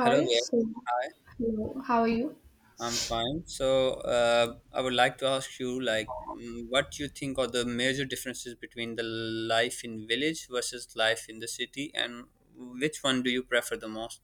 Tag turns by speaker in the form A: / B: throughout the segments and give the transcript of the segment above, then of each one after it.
A: Hello there.
B: so
A: Hi,
B: hello, how are you?
A: I'm fine. So, I would like to ask you, like, what you think are the major differences between the life in village versus life in the city, and which one do you prefer the most?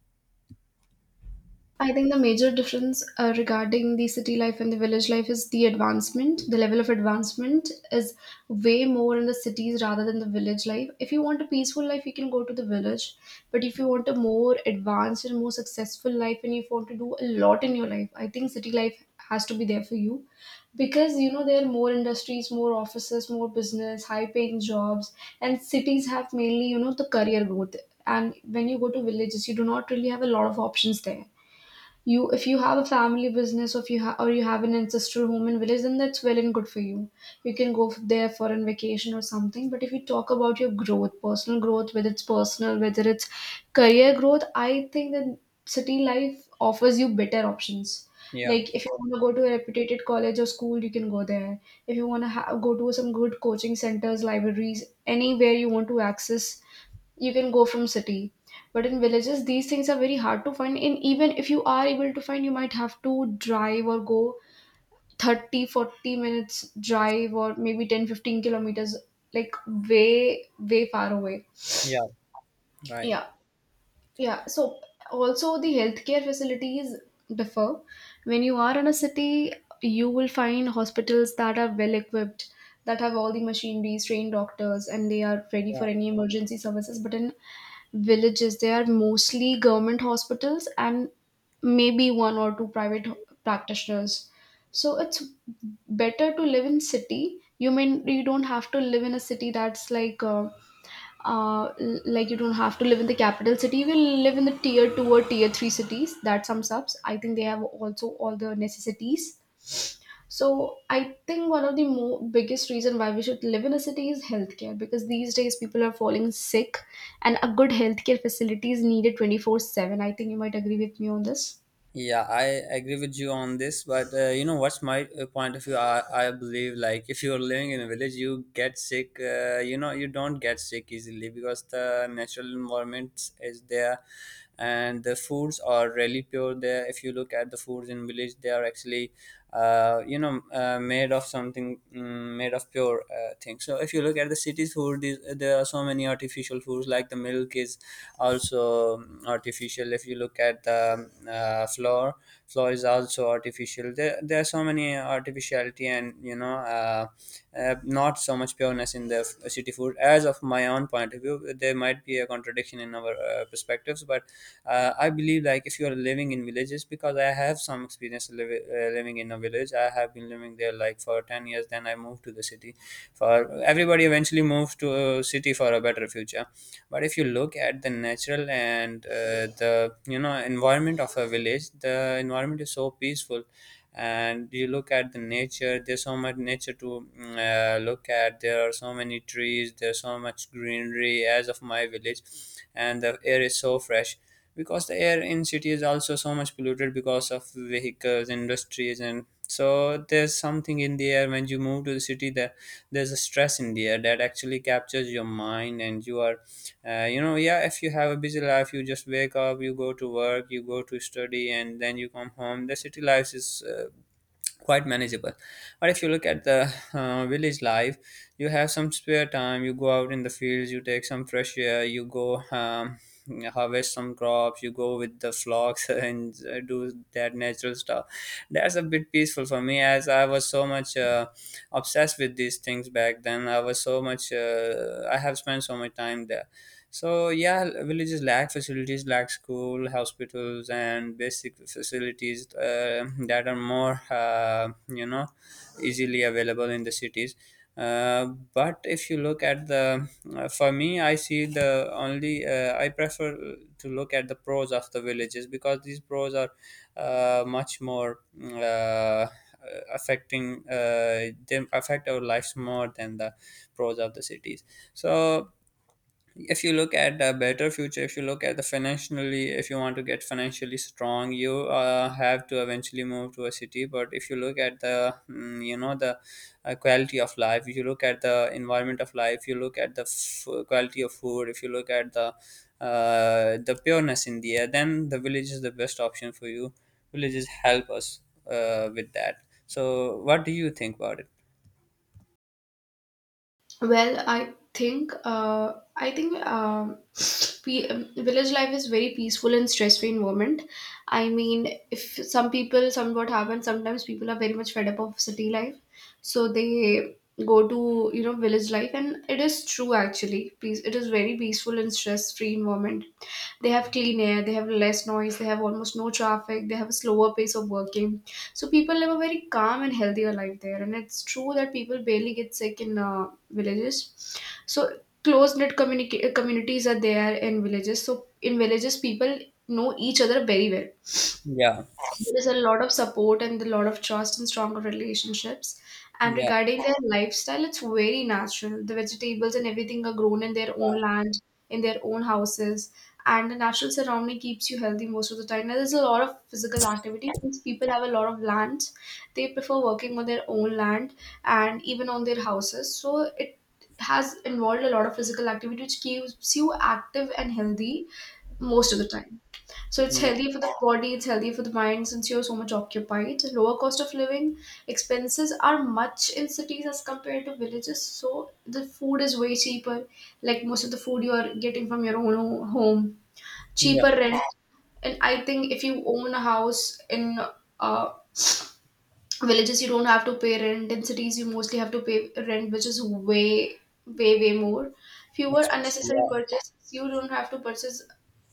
B: I think the major difference regarding the city life and the village life is the advancement. The level of advancement is way more in the cities rather than the village life. If you want a peaceful life, you can go to the village. But if you want a more advanced and more successful life, and if you want to do a lot in your life, I think city life has to be there for you, because you know there are more industries, more offices, more business, high paying jobs, and cities have, mainly you know, the career growth. And when you go to villages, you do not really have a lot of options there. You If you have a family business, or if you ha- or you have an ancestral home and village, then that's well and good for you. You can go there for a vacation or something. But if you talk about your growth, personal growth, whether it's personal, whether it's career growth, I think that city life offers you better options.
A: Yeah,
B: Like if you want to go to a reputed college or school, you can go there. If you want to go to some good coaching centers, libraries, anywhere you want to access, you can go from city. But in villages these things are very hard to find, and even if you are able to find, you might have to drive or go 30, 40 minutes drive, or maybe 10, 15 kilometers, like way far away.
A: yeah, right.
B: Yeah, yeah, so also the healthcare facilities differ. When you are in a city, you will find hospitals that are well equipped, that have all the machineries, trained doctors, and they are ready for any emergency services. But in villages, they are mostly government hospitals and maybe one or two private practitioners. So it's better to live in city. You mean you don't have to live in a city, that's like you don't have to live in the capital city. You will live in the tier two or tier three cities. That sums up. I think they have also all the necessities. So I think one of the more biggest reason why we should live in a city is healthcare, because these days people are falling sick, and a good healthcare facility is needed 24/7. I think you might agree with me on this.
A: Yeah, I agree with you on this, but you know what's my point of view? I believe like if you're living in a village, you get sick. You don't get sick easily because the natural environment is there, and the foods are really pure there. If you look at the foods in village, they are actually made of something, made of pure thing. So if you look at the city's food these, there are so many artificial foods like the milk is also artificial. If you look at the flour is also artificial there, there are so many artificiality, and not so much pureness in the city food as of my own point of view. There might be a contradiction in our perspectives, but I believe like if you are living in villages, because I have some experience living in a village. I have been living there like for 10 years, then I moved to the city, for everybody eventually moves to a city for a better future. But if you look at the natural and the environment of a village, the environment is so peaceful. And you look at the nature, there's so much nature to look at. There are so many trees, there's so much greenery as of my village, and the air is so fresh because the air in city is also so much polluted because of vehicles, industries. And so there's something in the air. When you move to the city, there's a stress in the air that actually captures your mind, and you are yeah, if you have a busy life, you just wake up, you go to work, you go to study, and then you come home. The city life is quite manageable. But if you look at the village life, you have some spare time, you go out in the fields, you take some fresh air, you go harvest some crops, you go with the flocks and do that natural stuff. That's a bit peaceful for me as I was so much obsessed with these things back then. I was so much I have spent so much time there. So yeah, villages lack facilities, lack school, hospitals, and basic facilities that are more easily available in the cities. Uh, but if you look at the, for me, I see the only I prefer to look at the pros of the villages, because these pros are much more uh, affecting them, affect our lives more than the pros of the cities. So if you look at the better future, if you look at the financially, if you want to get financially strong, you have to eventually move to a city. But if you look at the the quality of life, if you look at the environment of life, you look at the quality of food, if you look at the pureness in the air, then the village is the best option for you. Villages help us with that. So what do you think about it?
B: Well, I think village life is very peaceful and stress-free environment. I mean, if some people some what happens sometimes, people are very much fed up of city life, so they go to, village life, and it is true, actually, peace it is very peaceful and stress-free environment. They have clean air, they have less noise, they have almost no traffic, they have a slower pace of working. So people live a very calm and healthier life there. And it's true that people barely get sick in villages. So close knit communities are there in villages. So in villages, people know each other very well.
A: Yeah,
B: There is a lot of support, and a lot of trust, and stronger relationships. And
A: yeah,
B: regarding their lifestyle, it's very natural. The vegetables and everything are grown in their own land, in their own houses, and the natural surrounding keeps you healthy most of the time. Now, there's a lot of physical activity. Since people have a lot of land, they prefer working on their own land and even on their houses. So it has involved a lot of physical activity, which keeps you active and healthy most of the time. So it's
A: yeah,
B: healthy for the body, it's healthy for the mind, since you're so much occupied. Lower cost of living, expenses are much in cities as compared to villages. So the food is way cheaper. Like most of the food you are getting from your own home, cheaper
A: yeah,
B: rent. And I think if you own a house in uh, villages, you don't have to pay rent. In cities you mostly have to pay rent, which is way way more. Fewer
A: expensive,
B: unnecessary
A: yeah,
B: purchases, you don't have to purchase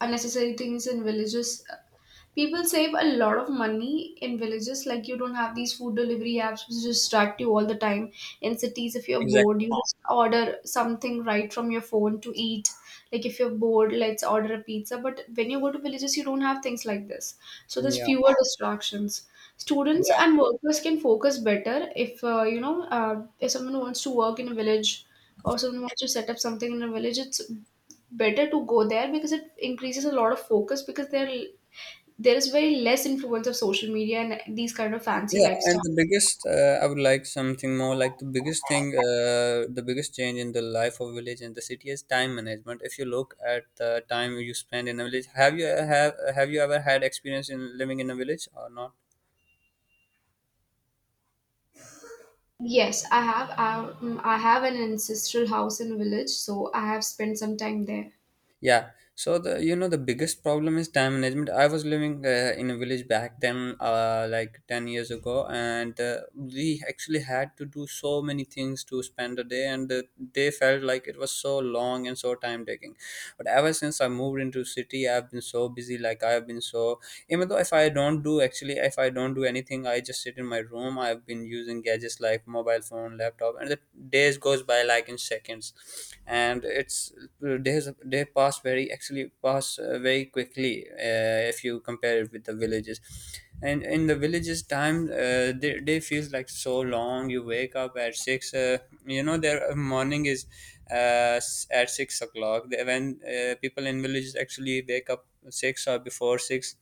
B: unnecessary things in villages. People save a lot of money in villages, like you don't have these food delivery apps which distract you all the time. In cities, if you're bored,
A: exactly,
B: you just order something right from your phone to eat. Like if you're bored, let's order a pizza. But when you go to villages, you don't have things like this. So there's
A: yeah,
B: fewer distractions. Students
A: yeah.
B: and workers can focus better, if you know if someone wants to work in a village, or someone wants to set up something in a village. It's better to go there, because it increases a lot of focus, because they're there is very less influence of social media and these kind of fancy
A: Yeah,
B: lifestyle.
A: and the biggest, I would like something more, like the biggest thing, the biggest change in the life of village and the city is time management. If you look at the time you spend in a village, have you ever had experience in living in a village or not?
B: Yes, I have. I have an ancestral house in a village, so I have spent some time there.
A: Yeah. So the you know the biggest problem is time management. I was living in a village back then, like 10 years ago, and we actually had to do so many things to spend a day, and the day felt like it was so long and so time taking. But ever since I moved into city, I've been so busy. Like I've been so, even though if I don't do actually, if I don't do anything, I just sit in my room. I've been using gadgets like mobile phone, laptop, and the days goes by like in seconds. And it's days they pass very, actually pass very quickly if you compare it with the villages. And in the villages time they feels like so long. You wake up at six, their morning is at 6 o'clock. When people in villages actually wake up six or before six,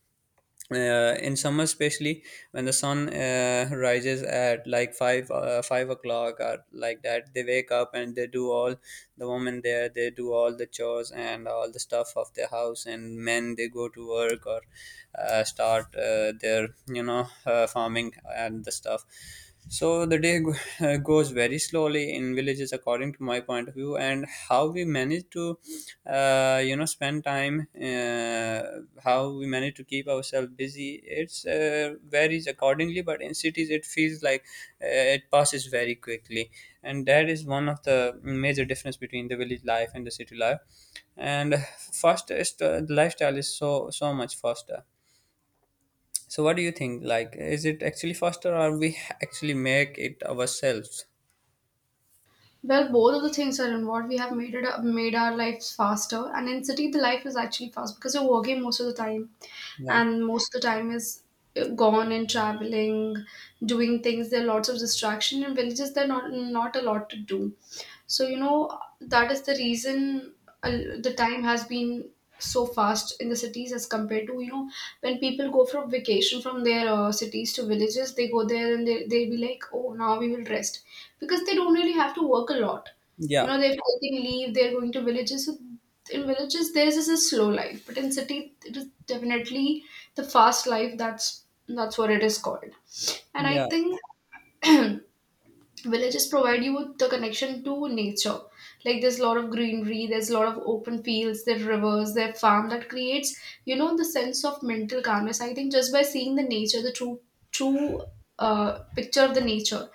A: in summer especially. When the sun rises at like 5 o'clock or like that, they wake up and they do all, the women there, they do all the chores and all the stuff of the house. And men, they go to work or start their farming and the stuff. So the day goes very slowly in villages, according to my point of view, and how we manage to, spend time, how we manage to keep ourselves busy. It's varies accordingly, but in cities it feels like uh, it passes very quickly, and that is one of the major difference between the village life and the city life. And faster, is the lifestyle is so much faster. So what do you think? Like, is it actually faster, or we actually make it ourselves?
B: Well, both of the things are involved. We have made made our lives faster, and in city the life is actually fast because you're working most of the time,
A: Yeah,
B: and most of the time is gone in traveling, doing things. There are lots of distraction in villages. There are not a lot to do. So, you know, that is the reason uh, the time has been so fast in the cities. As compared to, you know, when people go from vacation from their cities to villages, they go there and they, they'll be like, oh, now we will rest. Because they don't really have to work a lot. You
A: yeah,
B: know, they're taking leave, they're going to villages. So in villages, theirs is a slow life. But in city, it is definitely the fast life. That's what it is called. And
A: yeah,
B: I think villages provide you with the connection to nature. Like there's a lot of greenery, there's a lot of open fields, there's rivers, there's farm, that creates, you know, the sense of mental calmness. I think just by seeing the nature, the true picture of the nature,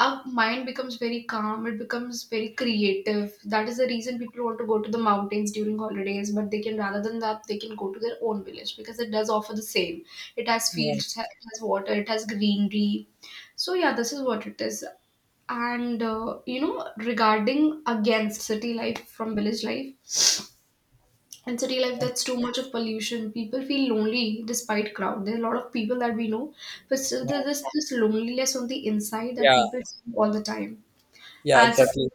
B: our mind becomes very calm, it becomes very creative. That is the reason people want to go to the mountains during holidays, but they can, rather than that, they can go to their own village, because it does offer the same. It has
A: yeah,
B: fields, it has water, it has greenery. So yeah, this is what it is. And you know, regarding against city life from village life, in city life that's too much of pollution, people feel lonely despite crowd. There are a lot of people that we know, but still there's
A: yeah,
B: this loneliness on the inside that
A: yeah,
B: people see all the time.
A: yeah.
B: And so,
A: Exactly.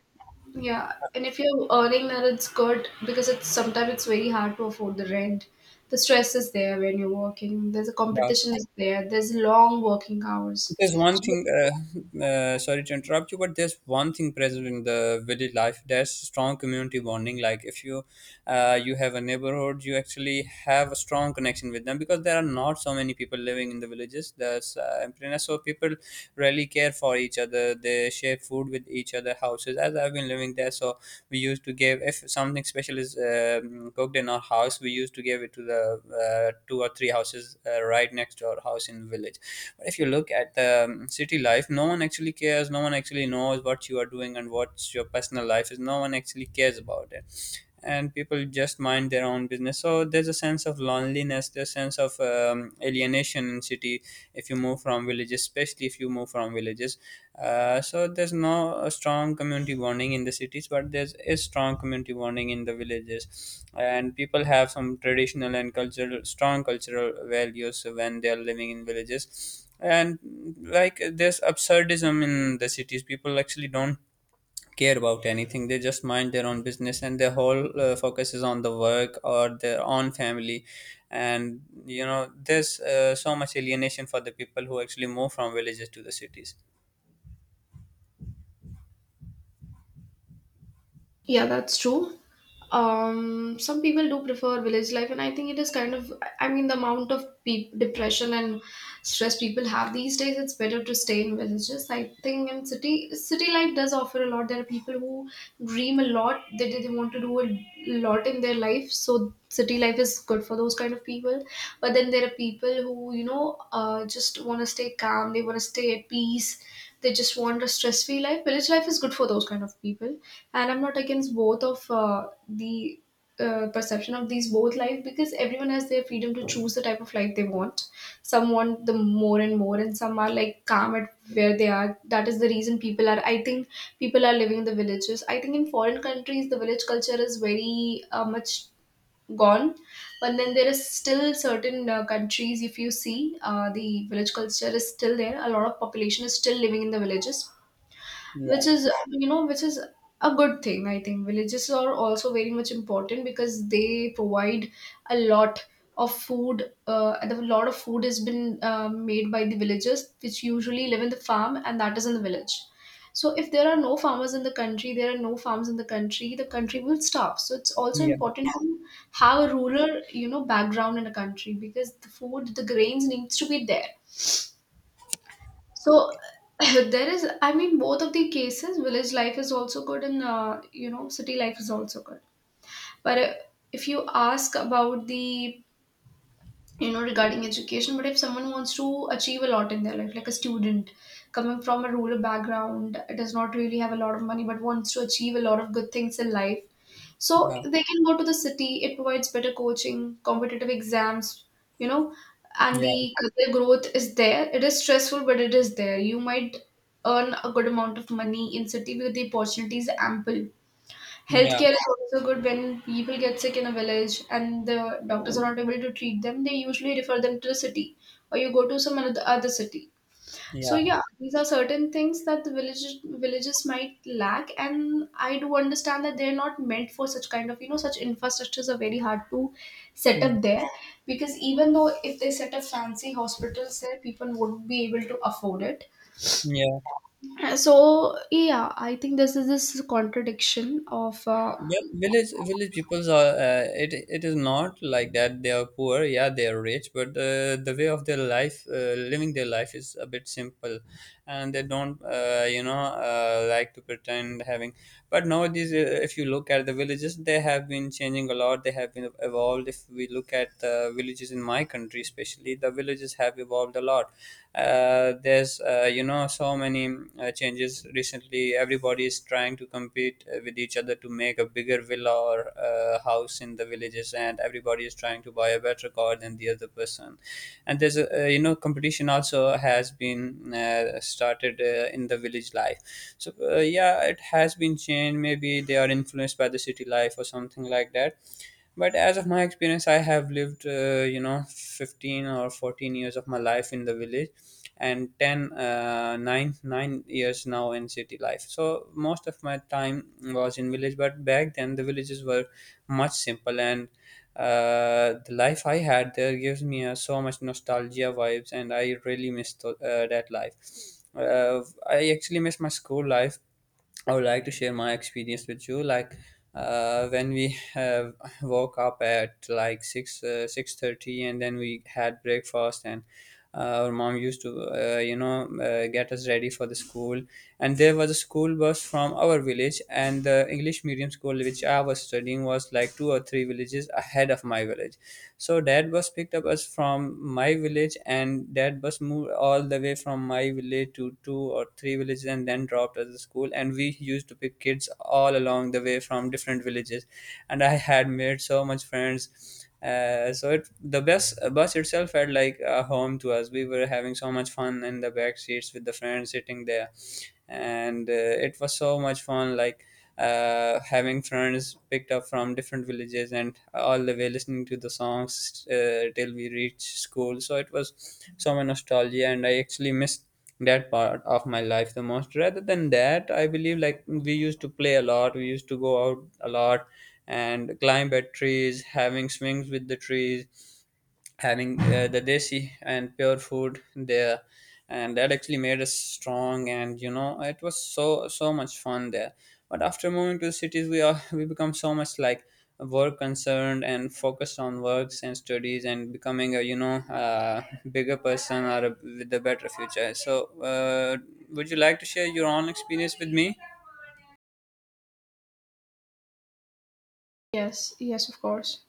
B: yeah, and if you're earning that, it's good, because it's sometimes it's very hard to afford the rent. The stress is there when you're working. There's a
A: Yeah.
B: competition is there. There's long working hours.
A: There's one
B: So,
A: thing, sorry to interrupt you, but there's one thing present in the village life. There's strong community bonding. Like if you, you have a neighborhood, you actually have a strong connection with them, because there are not so many people living in the villages. There's emptiness, so people really care for each other. They share food with each other houses. As I've been living there, so we used to give, if something special is cooked in our house, we used to give it to the two or three houses right next to our house in the village. But if you look at the city life, no one actually cares. No one actually knows what you are doing and what's your personal life is. No one actually cares about it, and people just mind their own business. So there's a sense of loneliness, there's a sense of alienation in city if you move from villages, especially if you move from villages, so there's no a strong community bonding in the cities, but there's a strong community bonding in the villages, and people have some traditional and cultural, strong cultural values when they are living in villages. And like there's absurdism in the cities. People actually don't care about anything. They just mind their own business, and their whole focus is on the work or their own family. And there's so much alienation for the people who actually move from villages to the cities.
B: yeah, that's true. Some people do prefer village life, and I think it is kind of, I mean, the amount of depression and stress people have these days, it's better to stay in villages. I think in city, city life does offer a lot. There are people who dream a lot, they want to do a lot in their life, so city life is good for those kind of people. But then there are people who, you know, just want to stay calm, they want to stay at peace, they just want a stress free life. Village life is good for those kind of people, and I'm not against both of the perception of these both life, because everyone has their freedom to choose the type of life they want. Some want the more and more and some are like calm at where they are. That is the reason people are, I think people are living in the villages. I think in foreign countries the village culture is very much gone. But then there is still certain countries, if you see, the village culture is still there, a lot of population is still living in the villages, which
A: Yeah,
B: is, you know, which is a good thing. I think villages are also very much important because they provide a lot of food, and a lot of food has been made by the villagers, which usually live in the farm, and that is in the village. So if there are no farmers in the country, there are no farms in the country, the country will starve. So it's also
A: yeah,
B: important to have a rural, you know, background in a country, because the food, the grains needs to be there. So there is, I mean, both of the cases, village life is also good, and you know, city life is also good. But if you ask about the, you know, regarding education, but if someone wants to achieve a lot in their life, like a student coming from a rural background, does not really have a lot of money, but wants to achieve a lot of good things in life, so
A: yeah,
B: they can go to the city. It provides better coaching, competitive exams, you know, and
A: yeah,
B: the career growth is there. It is stressful, but it is there. You might earn a good amount of money in city because the opportunities are ample.
A: yeah,
B: Healthcare is also good. When people get sick in a village and the doctors are not able to treat them, they usually refer them to the city, or you go to some another other city. So
A: yeah,
B: yeah, these are certain things that the villages might lack, and I do understand that they're not meant for such kind of, you know, such infrastructures are very hard to set up there, because even though if they set up fancy hospitals there, people would be able to afford it.
A: yeah.
B: So yeah, I think this is this contradiction of
A: Well, village peoples are it is not like that. They are poor. Yeah, they are rich, but the way of their life, living their life is a bit simple, and they don't like to pretend having. But nowadays, if you look at the villages, they have been changing a lot. They have been evolved. If we look at the villages in my country, especially the villages have evolved a lot. There's so many changes recently. Everybody is trying to compete with each other to make a bigger villa or house in the villages, and everybody is trying to buy a better car than the other person. And there's a competition also has been started in the village life. So yeah, it has been changed. Maybe they are influenced by the city life or something like that. But as of my experience, I have lived 15 or 14 years of my life in the village, and 10, 9, 9 years now in city life. So most of my time was in village, but back then the villages were much simple. And the life I had there gives me so much nostalgia vibes, and I really miss that life. uh, I actually miss my school life. I would like to share my experience with you. Like when we have woke up at like 6:30, and then we had breakfast, and uh, our mom used to get us ready for the school. And there was a school bus from our village, and the English medium school which I was studying was like two or three villages ahead of my village. So that bus picked up us from my village, and that bus moved all the way from my village to two or three villages, and then dropped us at the school. And we used to pick kids all along the way from different villages, and I had made so much friends. So it the bus itself felt like a home to us. We were having so much fun in the back seats with the friends sitting there, and it was so much fun. Like having friends picked up from different villages and all the way listening to the songs till we reached school. So it was so much nostalgia, and I actually missed that part of my life the most. Rather than that, I believe like we used to play a lot, we used to go out a lot, and climb at trees, having swings with the trees, having the desi and pure food there, and that actually made us strong, and you know it was so much fun there. But after moving to the cities we are we become so much like work concerned and focused on works and studies, and becoming a you know bigger person, or a, with a better future. So would you like to share your own experience with me?
B: yes, yes, of course.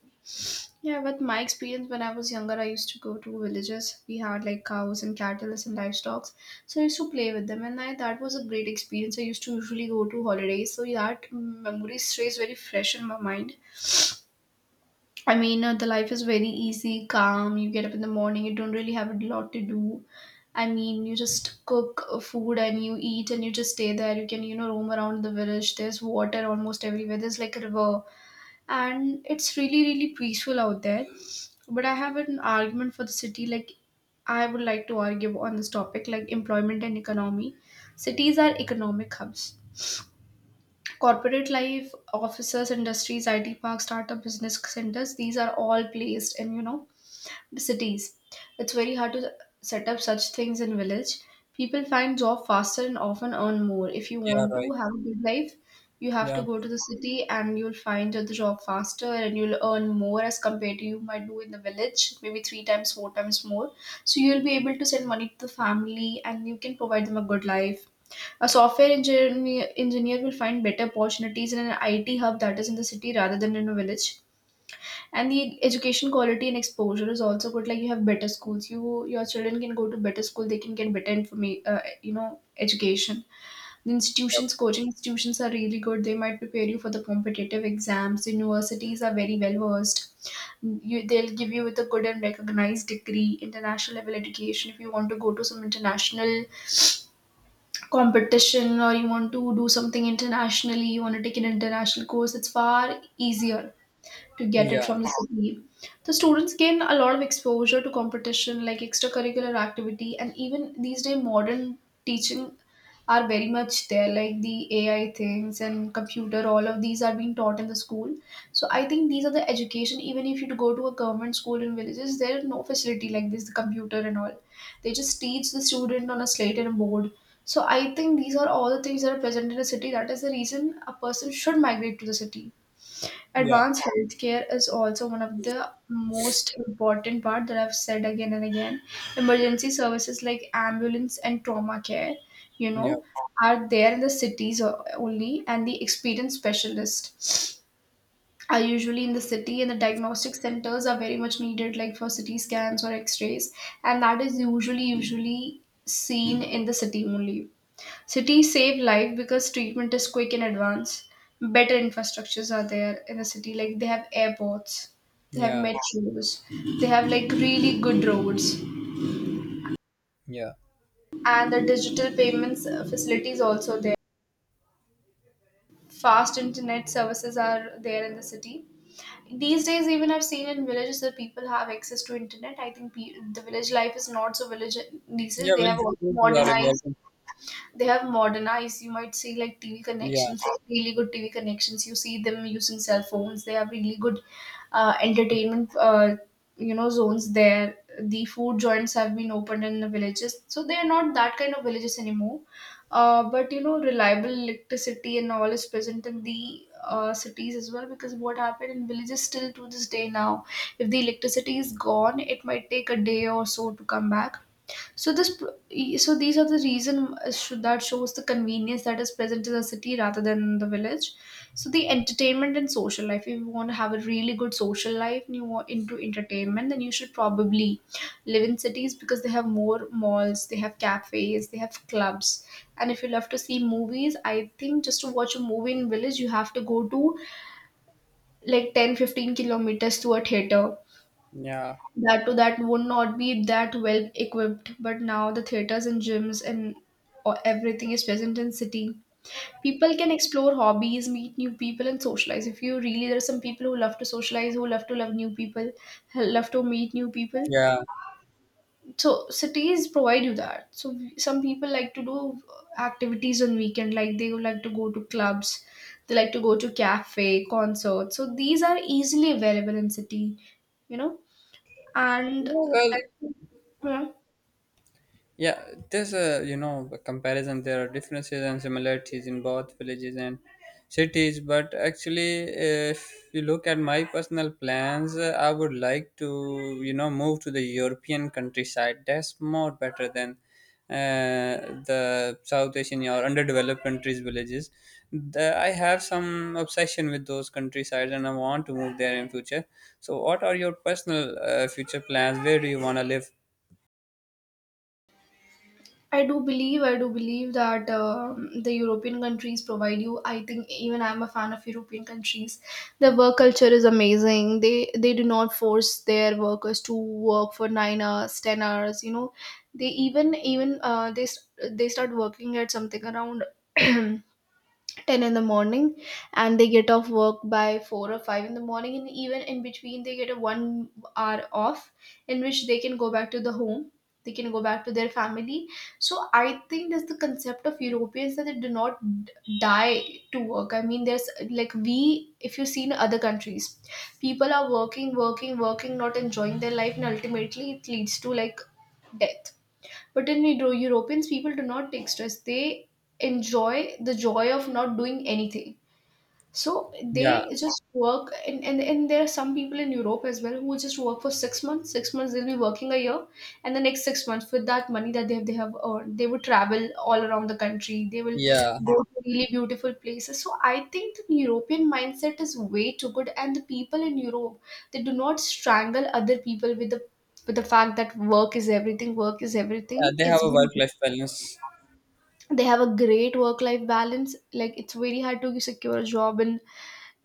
B: Yeah, but my experience, when I was younger, I used to go to villages. We had like cows and cattle and livestock. So I used to play with them, and I, that was a great experience. I used to usually go to holidays, so yeah, that memory stays very fresh in my mind. I mean, the life is very easy, calm. You get up in the morning, you don't really have a lot to do. I mean, you just cook food and you eat and you just stay there. You can, you know, roam around the village. There's water almost everywhere. There's like a river, and it's really really peaceful out there. But I have an argument for the city. Like, I would like to argue on this topic like employment and economy. Cities are economic hubs. Corporate life, offices, industries, IT parks, startup business centers, these are all placed in, you know, cities. It's very hard to set up such things in village. People find job faster and often earn more. If you want
A: Yeah.
B: to have a good life, you have to
A: Yeah.
B: go to the city, and you'll find the job faster and you'll earn more as compared to you might do in the village, maybe three times, four times more. So you'll be able to send money to the family and you can provide them a good life. A software engineer will find better opportunities in an IT hub that is in the city rather than in a village. And the education quality and exposure is also good. Like, you have better schools, you, your children can go to better school, they can get better you know, education. The institutions, coaching institutions are really good, they might prepare you for the competitive exams. Universities are very well versed. You, they'll give you with a good and recognized degree, international level education. If you want to go to some international competition, or you want to do something internationally, you want to take an international course, it's far easier to get it
A: Yeah.
B: from the city. The students gain a lot of exposure to competition, like extracurricular activity, and even these day modern teaching are very much there, like the AI things and computer. All of these are being taught in the school. So I think these are the education. Even if you go to a government school in villages, there is no facility like this, the computer and all. They just teach the student on a slate and a board. So I think these are all the things that are present in a city. That is the reason a person should migrate to the city.
A: Yeah.
B: Advanced healthcare is also one of the most important part that I've said again and again. Emergency services like ambulance and trauma care, you
A: Yeah.
B: know, are there in the cities only, and the experienced specialists are usually in the city, and the diagnostic centers are very much needed, like for CT scans or X-rays, and that is usually seen in the city only. Cities save life because treatment is quick and advanced. Better infrastructures are there in a city. Like, they have airports, they have
A: Yeah.
B: metros, they have like really good roads,
A: Yeah.
B: and the digital payments facilities also there. Fast internet services are there in the city. These days, even I've seen in villages that people have access to internet. I think the village life is not so village these
A: Yeah.
B: days. They
A: we'll,
B: have also
A: we'll do our
B: modernized,
A: evolving.
B: they have modernized. You might see like TV
A: Yeah.
B: connections, like really good TV connections, you see them using cell phones, they have really good entertainment, you know, zones there. The food joints have been opened in the villages, so they are not that kind of villages anymore. But you know, reliable electricity and all is present in the cities as well, because what happened in villages still to this day now, if the electricity is gone, it might take a day or so to come back. So so these are the reason that shows the convenience that is present in the city rather than the village. So the entertainment and social life. If you want to have a really good social life and you want into entertainment, then you should probably live in cities, because they have more malls, they have cafes, they have clubs. And if you love to see movies, I think just to watch a movie in village, you have to go to like 10 15 kilometers to a theater,
A: Yeah.
B: that to that would not be that well equipped. But now the theaters and gyms and or everything is present in city. People can explore hobbies, meet new people and socialize. If you really, there are some people who love to socialize, who love to love new people, who love to meet new people,
A: Yeah,
B: so cities provide you that. So some people like to do activities on weekend, like they would like to go to clubs, they like to go to cafe, concerts, so these are easily available in city, you know. And
A: Yeah, well,
B: that- yeah,
A: yeah, there's a you know a comparison. There are differences and similarities in both villages and cities. But actually, if you look at my personal plans, I would like to move to the European countryside. That's more better than uh, the South Asian or underdeveloped countries' villages. I have some obsession with those countrysides, and I want to move there in future. So, what are your personal future plans? Where do you want to live?
B: I do believe that the European countries provide you. I think even I'm a fan of European countries. Their work culture is amazing. They do not force their workers to work for 9 hours, 10 hours, you know. They even they start working at something around 10 in the morning, and they get off work by 4 or 5 in the morning, and even in between they get a 1 hour off, in which they can go back to the home, they can go back to their family. So I think that's the concept of Europeans, that they do not die to work. I mean, there's like, we, if you see in other countries, people are working, working, working, not enjoying their life, and ultimately it leads to like death. But in Europeans, people do not take stress. They enjoy the joy of not doing anything. So
A: Yeah.
B: they just work, and there are some people in Europe as well who just work for 6 months. 6 months they'll be working a year, and the next 6 months with that money that they have earned, they will travel all around the country. They will
A: Yeah,
B: go to really beautiful places. So I think the European mindset is way too good, and the people in Europe, they do not strangle other people with the, with the fact that work is everything. Work is everything.
A: yeah, they have
B: It's
A: a
B: been,
A: work life balance.
B: they have a great work life balance. Like, it's very hard to secure a job in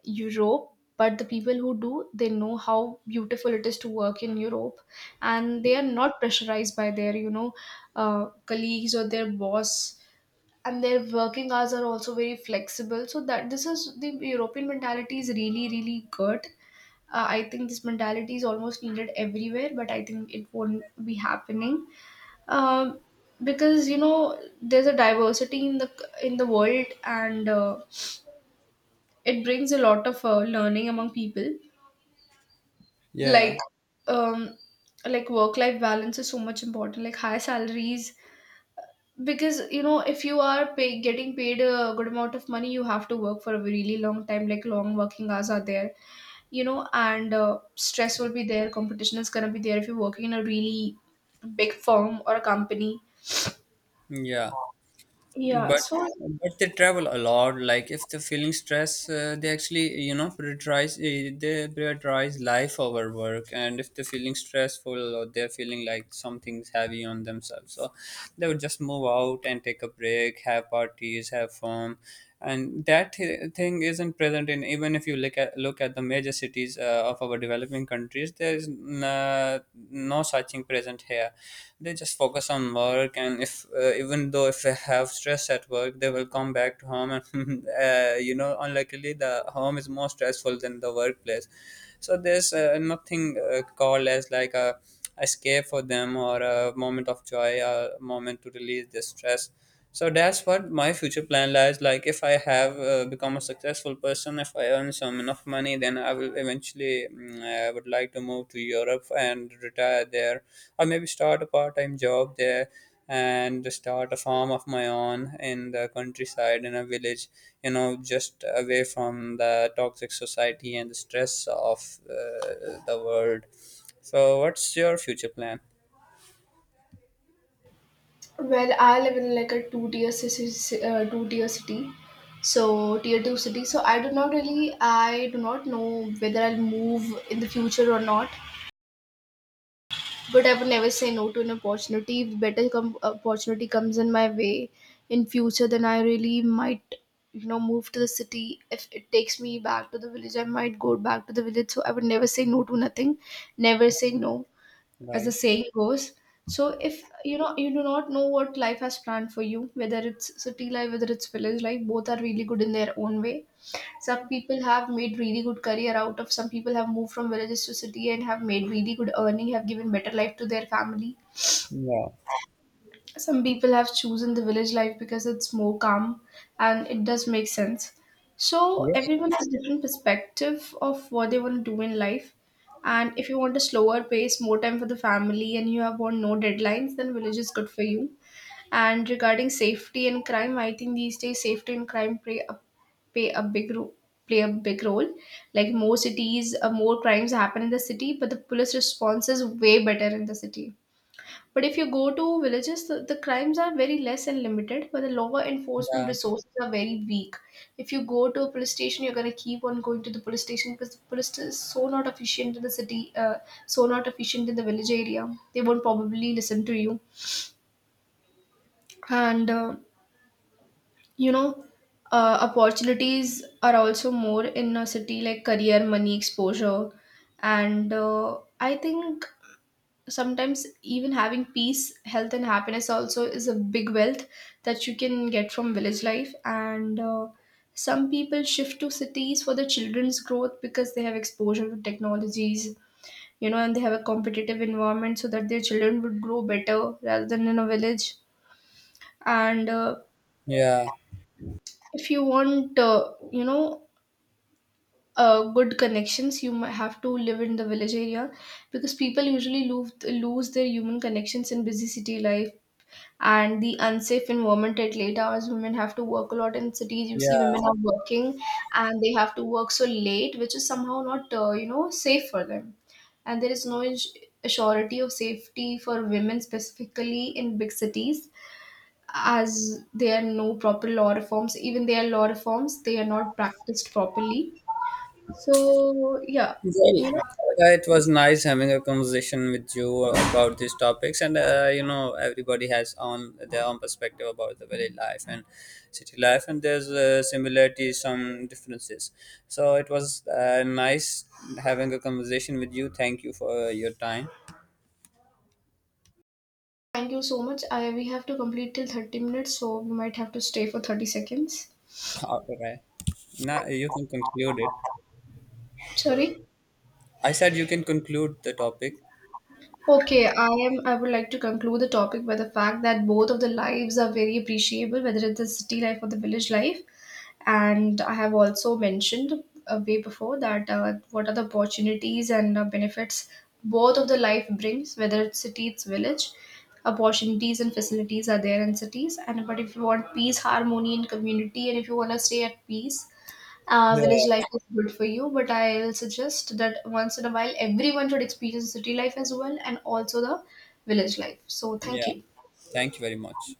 B: Europe, but the people who do, they know how beautiful it is to work in Europe, and they are not pressurized by their, you know, colleagues or their boss. And their working hours are also very flexible. So that this is, the European mentality is really, really good. I think this mentality is almost needed everywhere, but I think it won't be happening. Um, because you know there's a diversity in the world and it brings a lot of learning among people. like
A: Yeah.
B: um like work life balance is so much important, like high salaries. Because you know, if you are getting paid a good amount of money, you have to work for a really long time. Like long working hours are there, you know, and stress will be there, competition is going to be there if you're working in a really big firm or a company.
A: Yeah,
B: Yeah,
A: but
B: so.
A: but they travel a lot, like if they're feeling stress, they actually prioritize eh, they prioritize life over work, and if they're feeling stressful or they're feeling like something's heavy on themselves, so they would just move out and take a break, have parties, have fun. And that thing isn't present in, even if you look at the major cities of our developing countries, there is no such thing present here. They just focus on work, and if even though if they have stress at work, they will come back to home, and you know unluckily the home is more stressful than the workplace. So there's nothing called as like a escape for them, or a moment of joy, a moment to release the stress. So that's what my future plan lies. Like, if I have become a successful person, if I earn some enough money, then I will eventually, I would like to move to Europe and retire there, or maybe start a part time job there, and start a farm of my own in the countryside in a village, just away from the toxic society and the stress of the world. So, what's your future plan?
B: Well, I live in like a two tier city, so tier two city. So I do not really, I do not know whether I'll move in the future or not. But I would never say no to an opportunity. If better opportunity comes in my way in future, then I really might, you know, move to the city. If it takes me back to the village, I might go back to the village. So I would never say no to nothing. Never say no, as the
A: Right.
B: saying goes. So, if you know, you do not know what life has planned for you, whether it's city life, whether it's village life, both are really good in their own way. Some people have made really good career out of, some people have moved from villages to city and have made really good earning, have given better life to their family.
A: Yeah.
B: Some people have chosen the village life because it's more calm, and it does make sense. So everyone has different perspective of what they want to do in life. And if you want a slower pace, more time for the family, and you have want no deadlines, then village is good for you. And regarding safety and crime, I think these days safety and crime play a, play a big role, play a big role. Like more cities, more crimes happen in the city, but the police response is way better in the city. But if you go to villages, the crimes are very less and limited, but the law enforcement
A: Yeah.
B: resources are very weak. If you go to a police station, you're going to keep on going to the police station because the police is so not efficient in the city, so not efficient in the village area. They won't probably listen to you. And, you know, opportunities are also more in a city, like career, money, exposure. And I think sometimes even having peace, health and happiness also is a big wealth that you can get from village life. And some people shift to cities for the children's growth because they have exposure to technologies, you know, and they have a competitive environment so that their children would grow better rather than in a village. And
A: Yeah.
B: if you want you know, good connections, you might have to live in the village area, because people usually lose their human connections in busy city life. And the unsafe environment at late hours, women have to work a lot in cities. You see,
A: Yeah.
B: women are working and they have to work so late, which is somehow not, you know, safe for them. And there is no surety of safety for women specifically in big cities, as there are no proper law reforms. Even there are law reforms, they are not practiced properly. So yeah,
A: Well,
B: you know,
A: it was nice having a conversation with you about these topics, and everybody has on their own perspective about the village life and city life, and there's similarities, some differences. So it was nice having a conversation with you. Thank you for your time.
B: thank you so much. We have to complete till 30 minutes, so we might have to stay for 30 seconds.
A: Okay, now you can conclude it.
B: Sorry.
A: I said you can conclude the topic.
B: Okay, I am. I would like to conclude the topic by the fact that both of the lives are very appreciable, whether it's the city life or the village life. And I have also mentioned way before that what are the opportunities and benefits both of the life brings, whether it's city, it's village. Opportunities and facilities are there in cities, and but if you want peace, harmony, and community, and if you want to stay at peace, village
A: Yeah.
B: life is good for you. But I'll suggest that once in a while everyone should experience city life as well and also the village life. So
A: Yeah,
B: thank you.
A: thank you very much.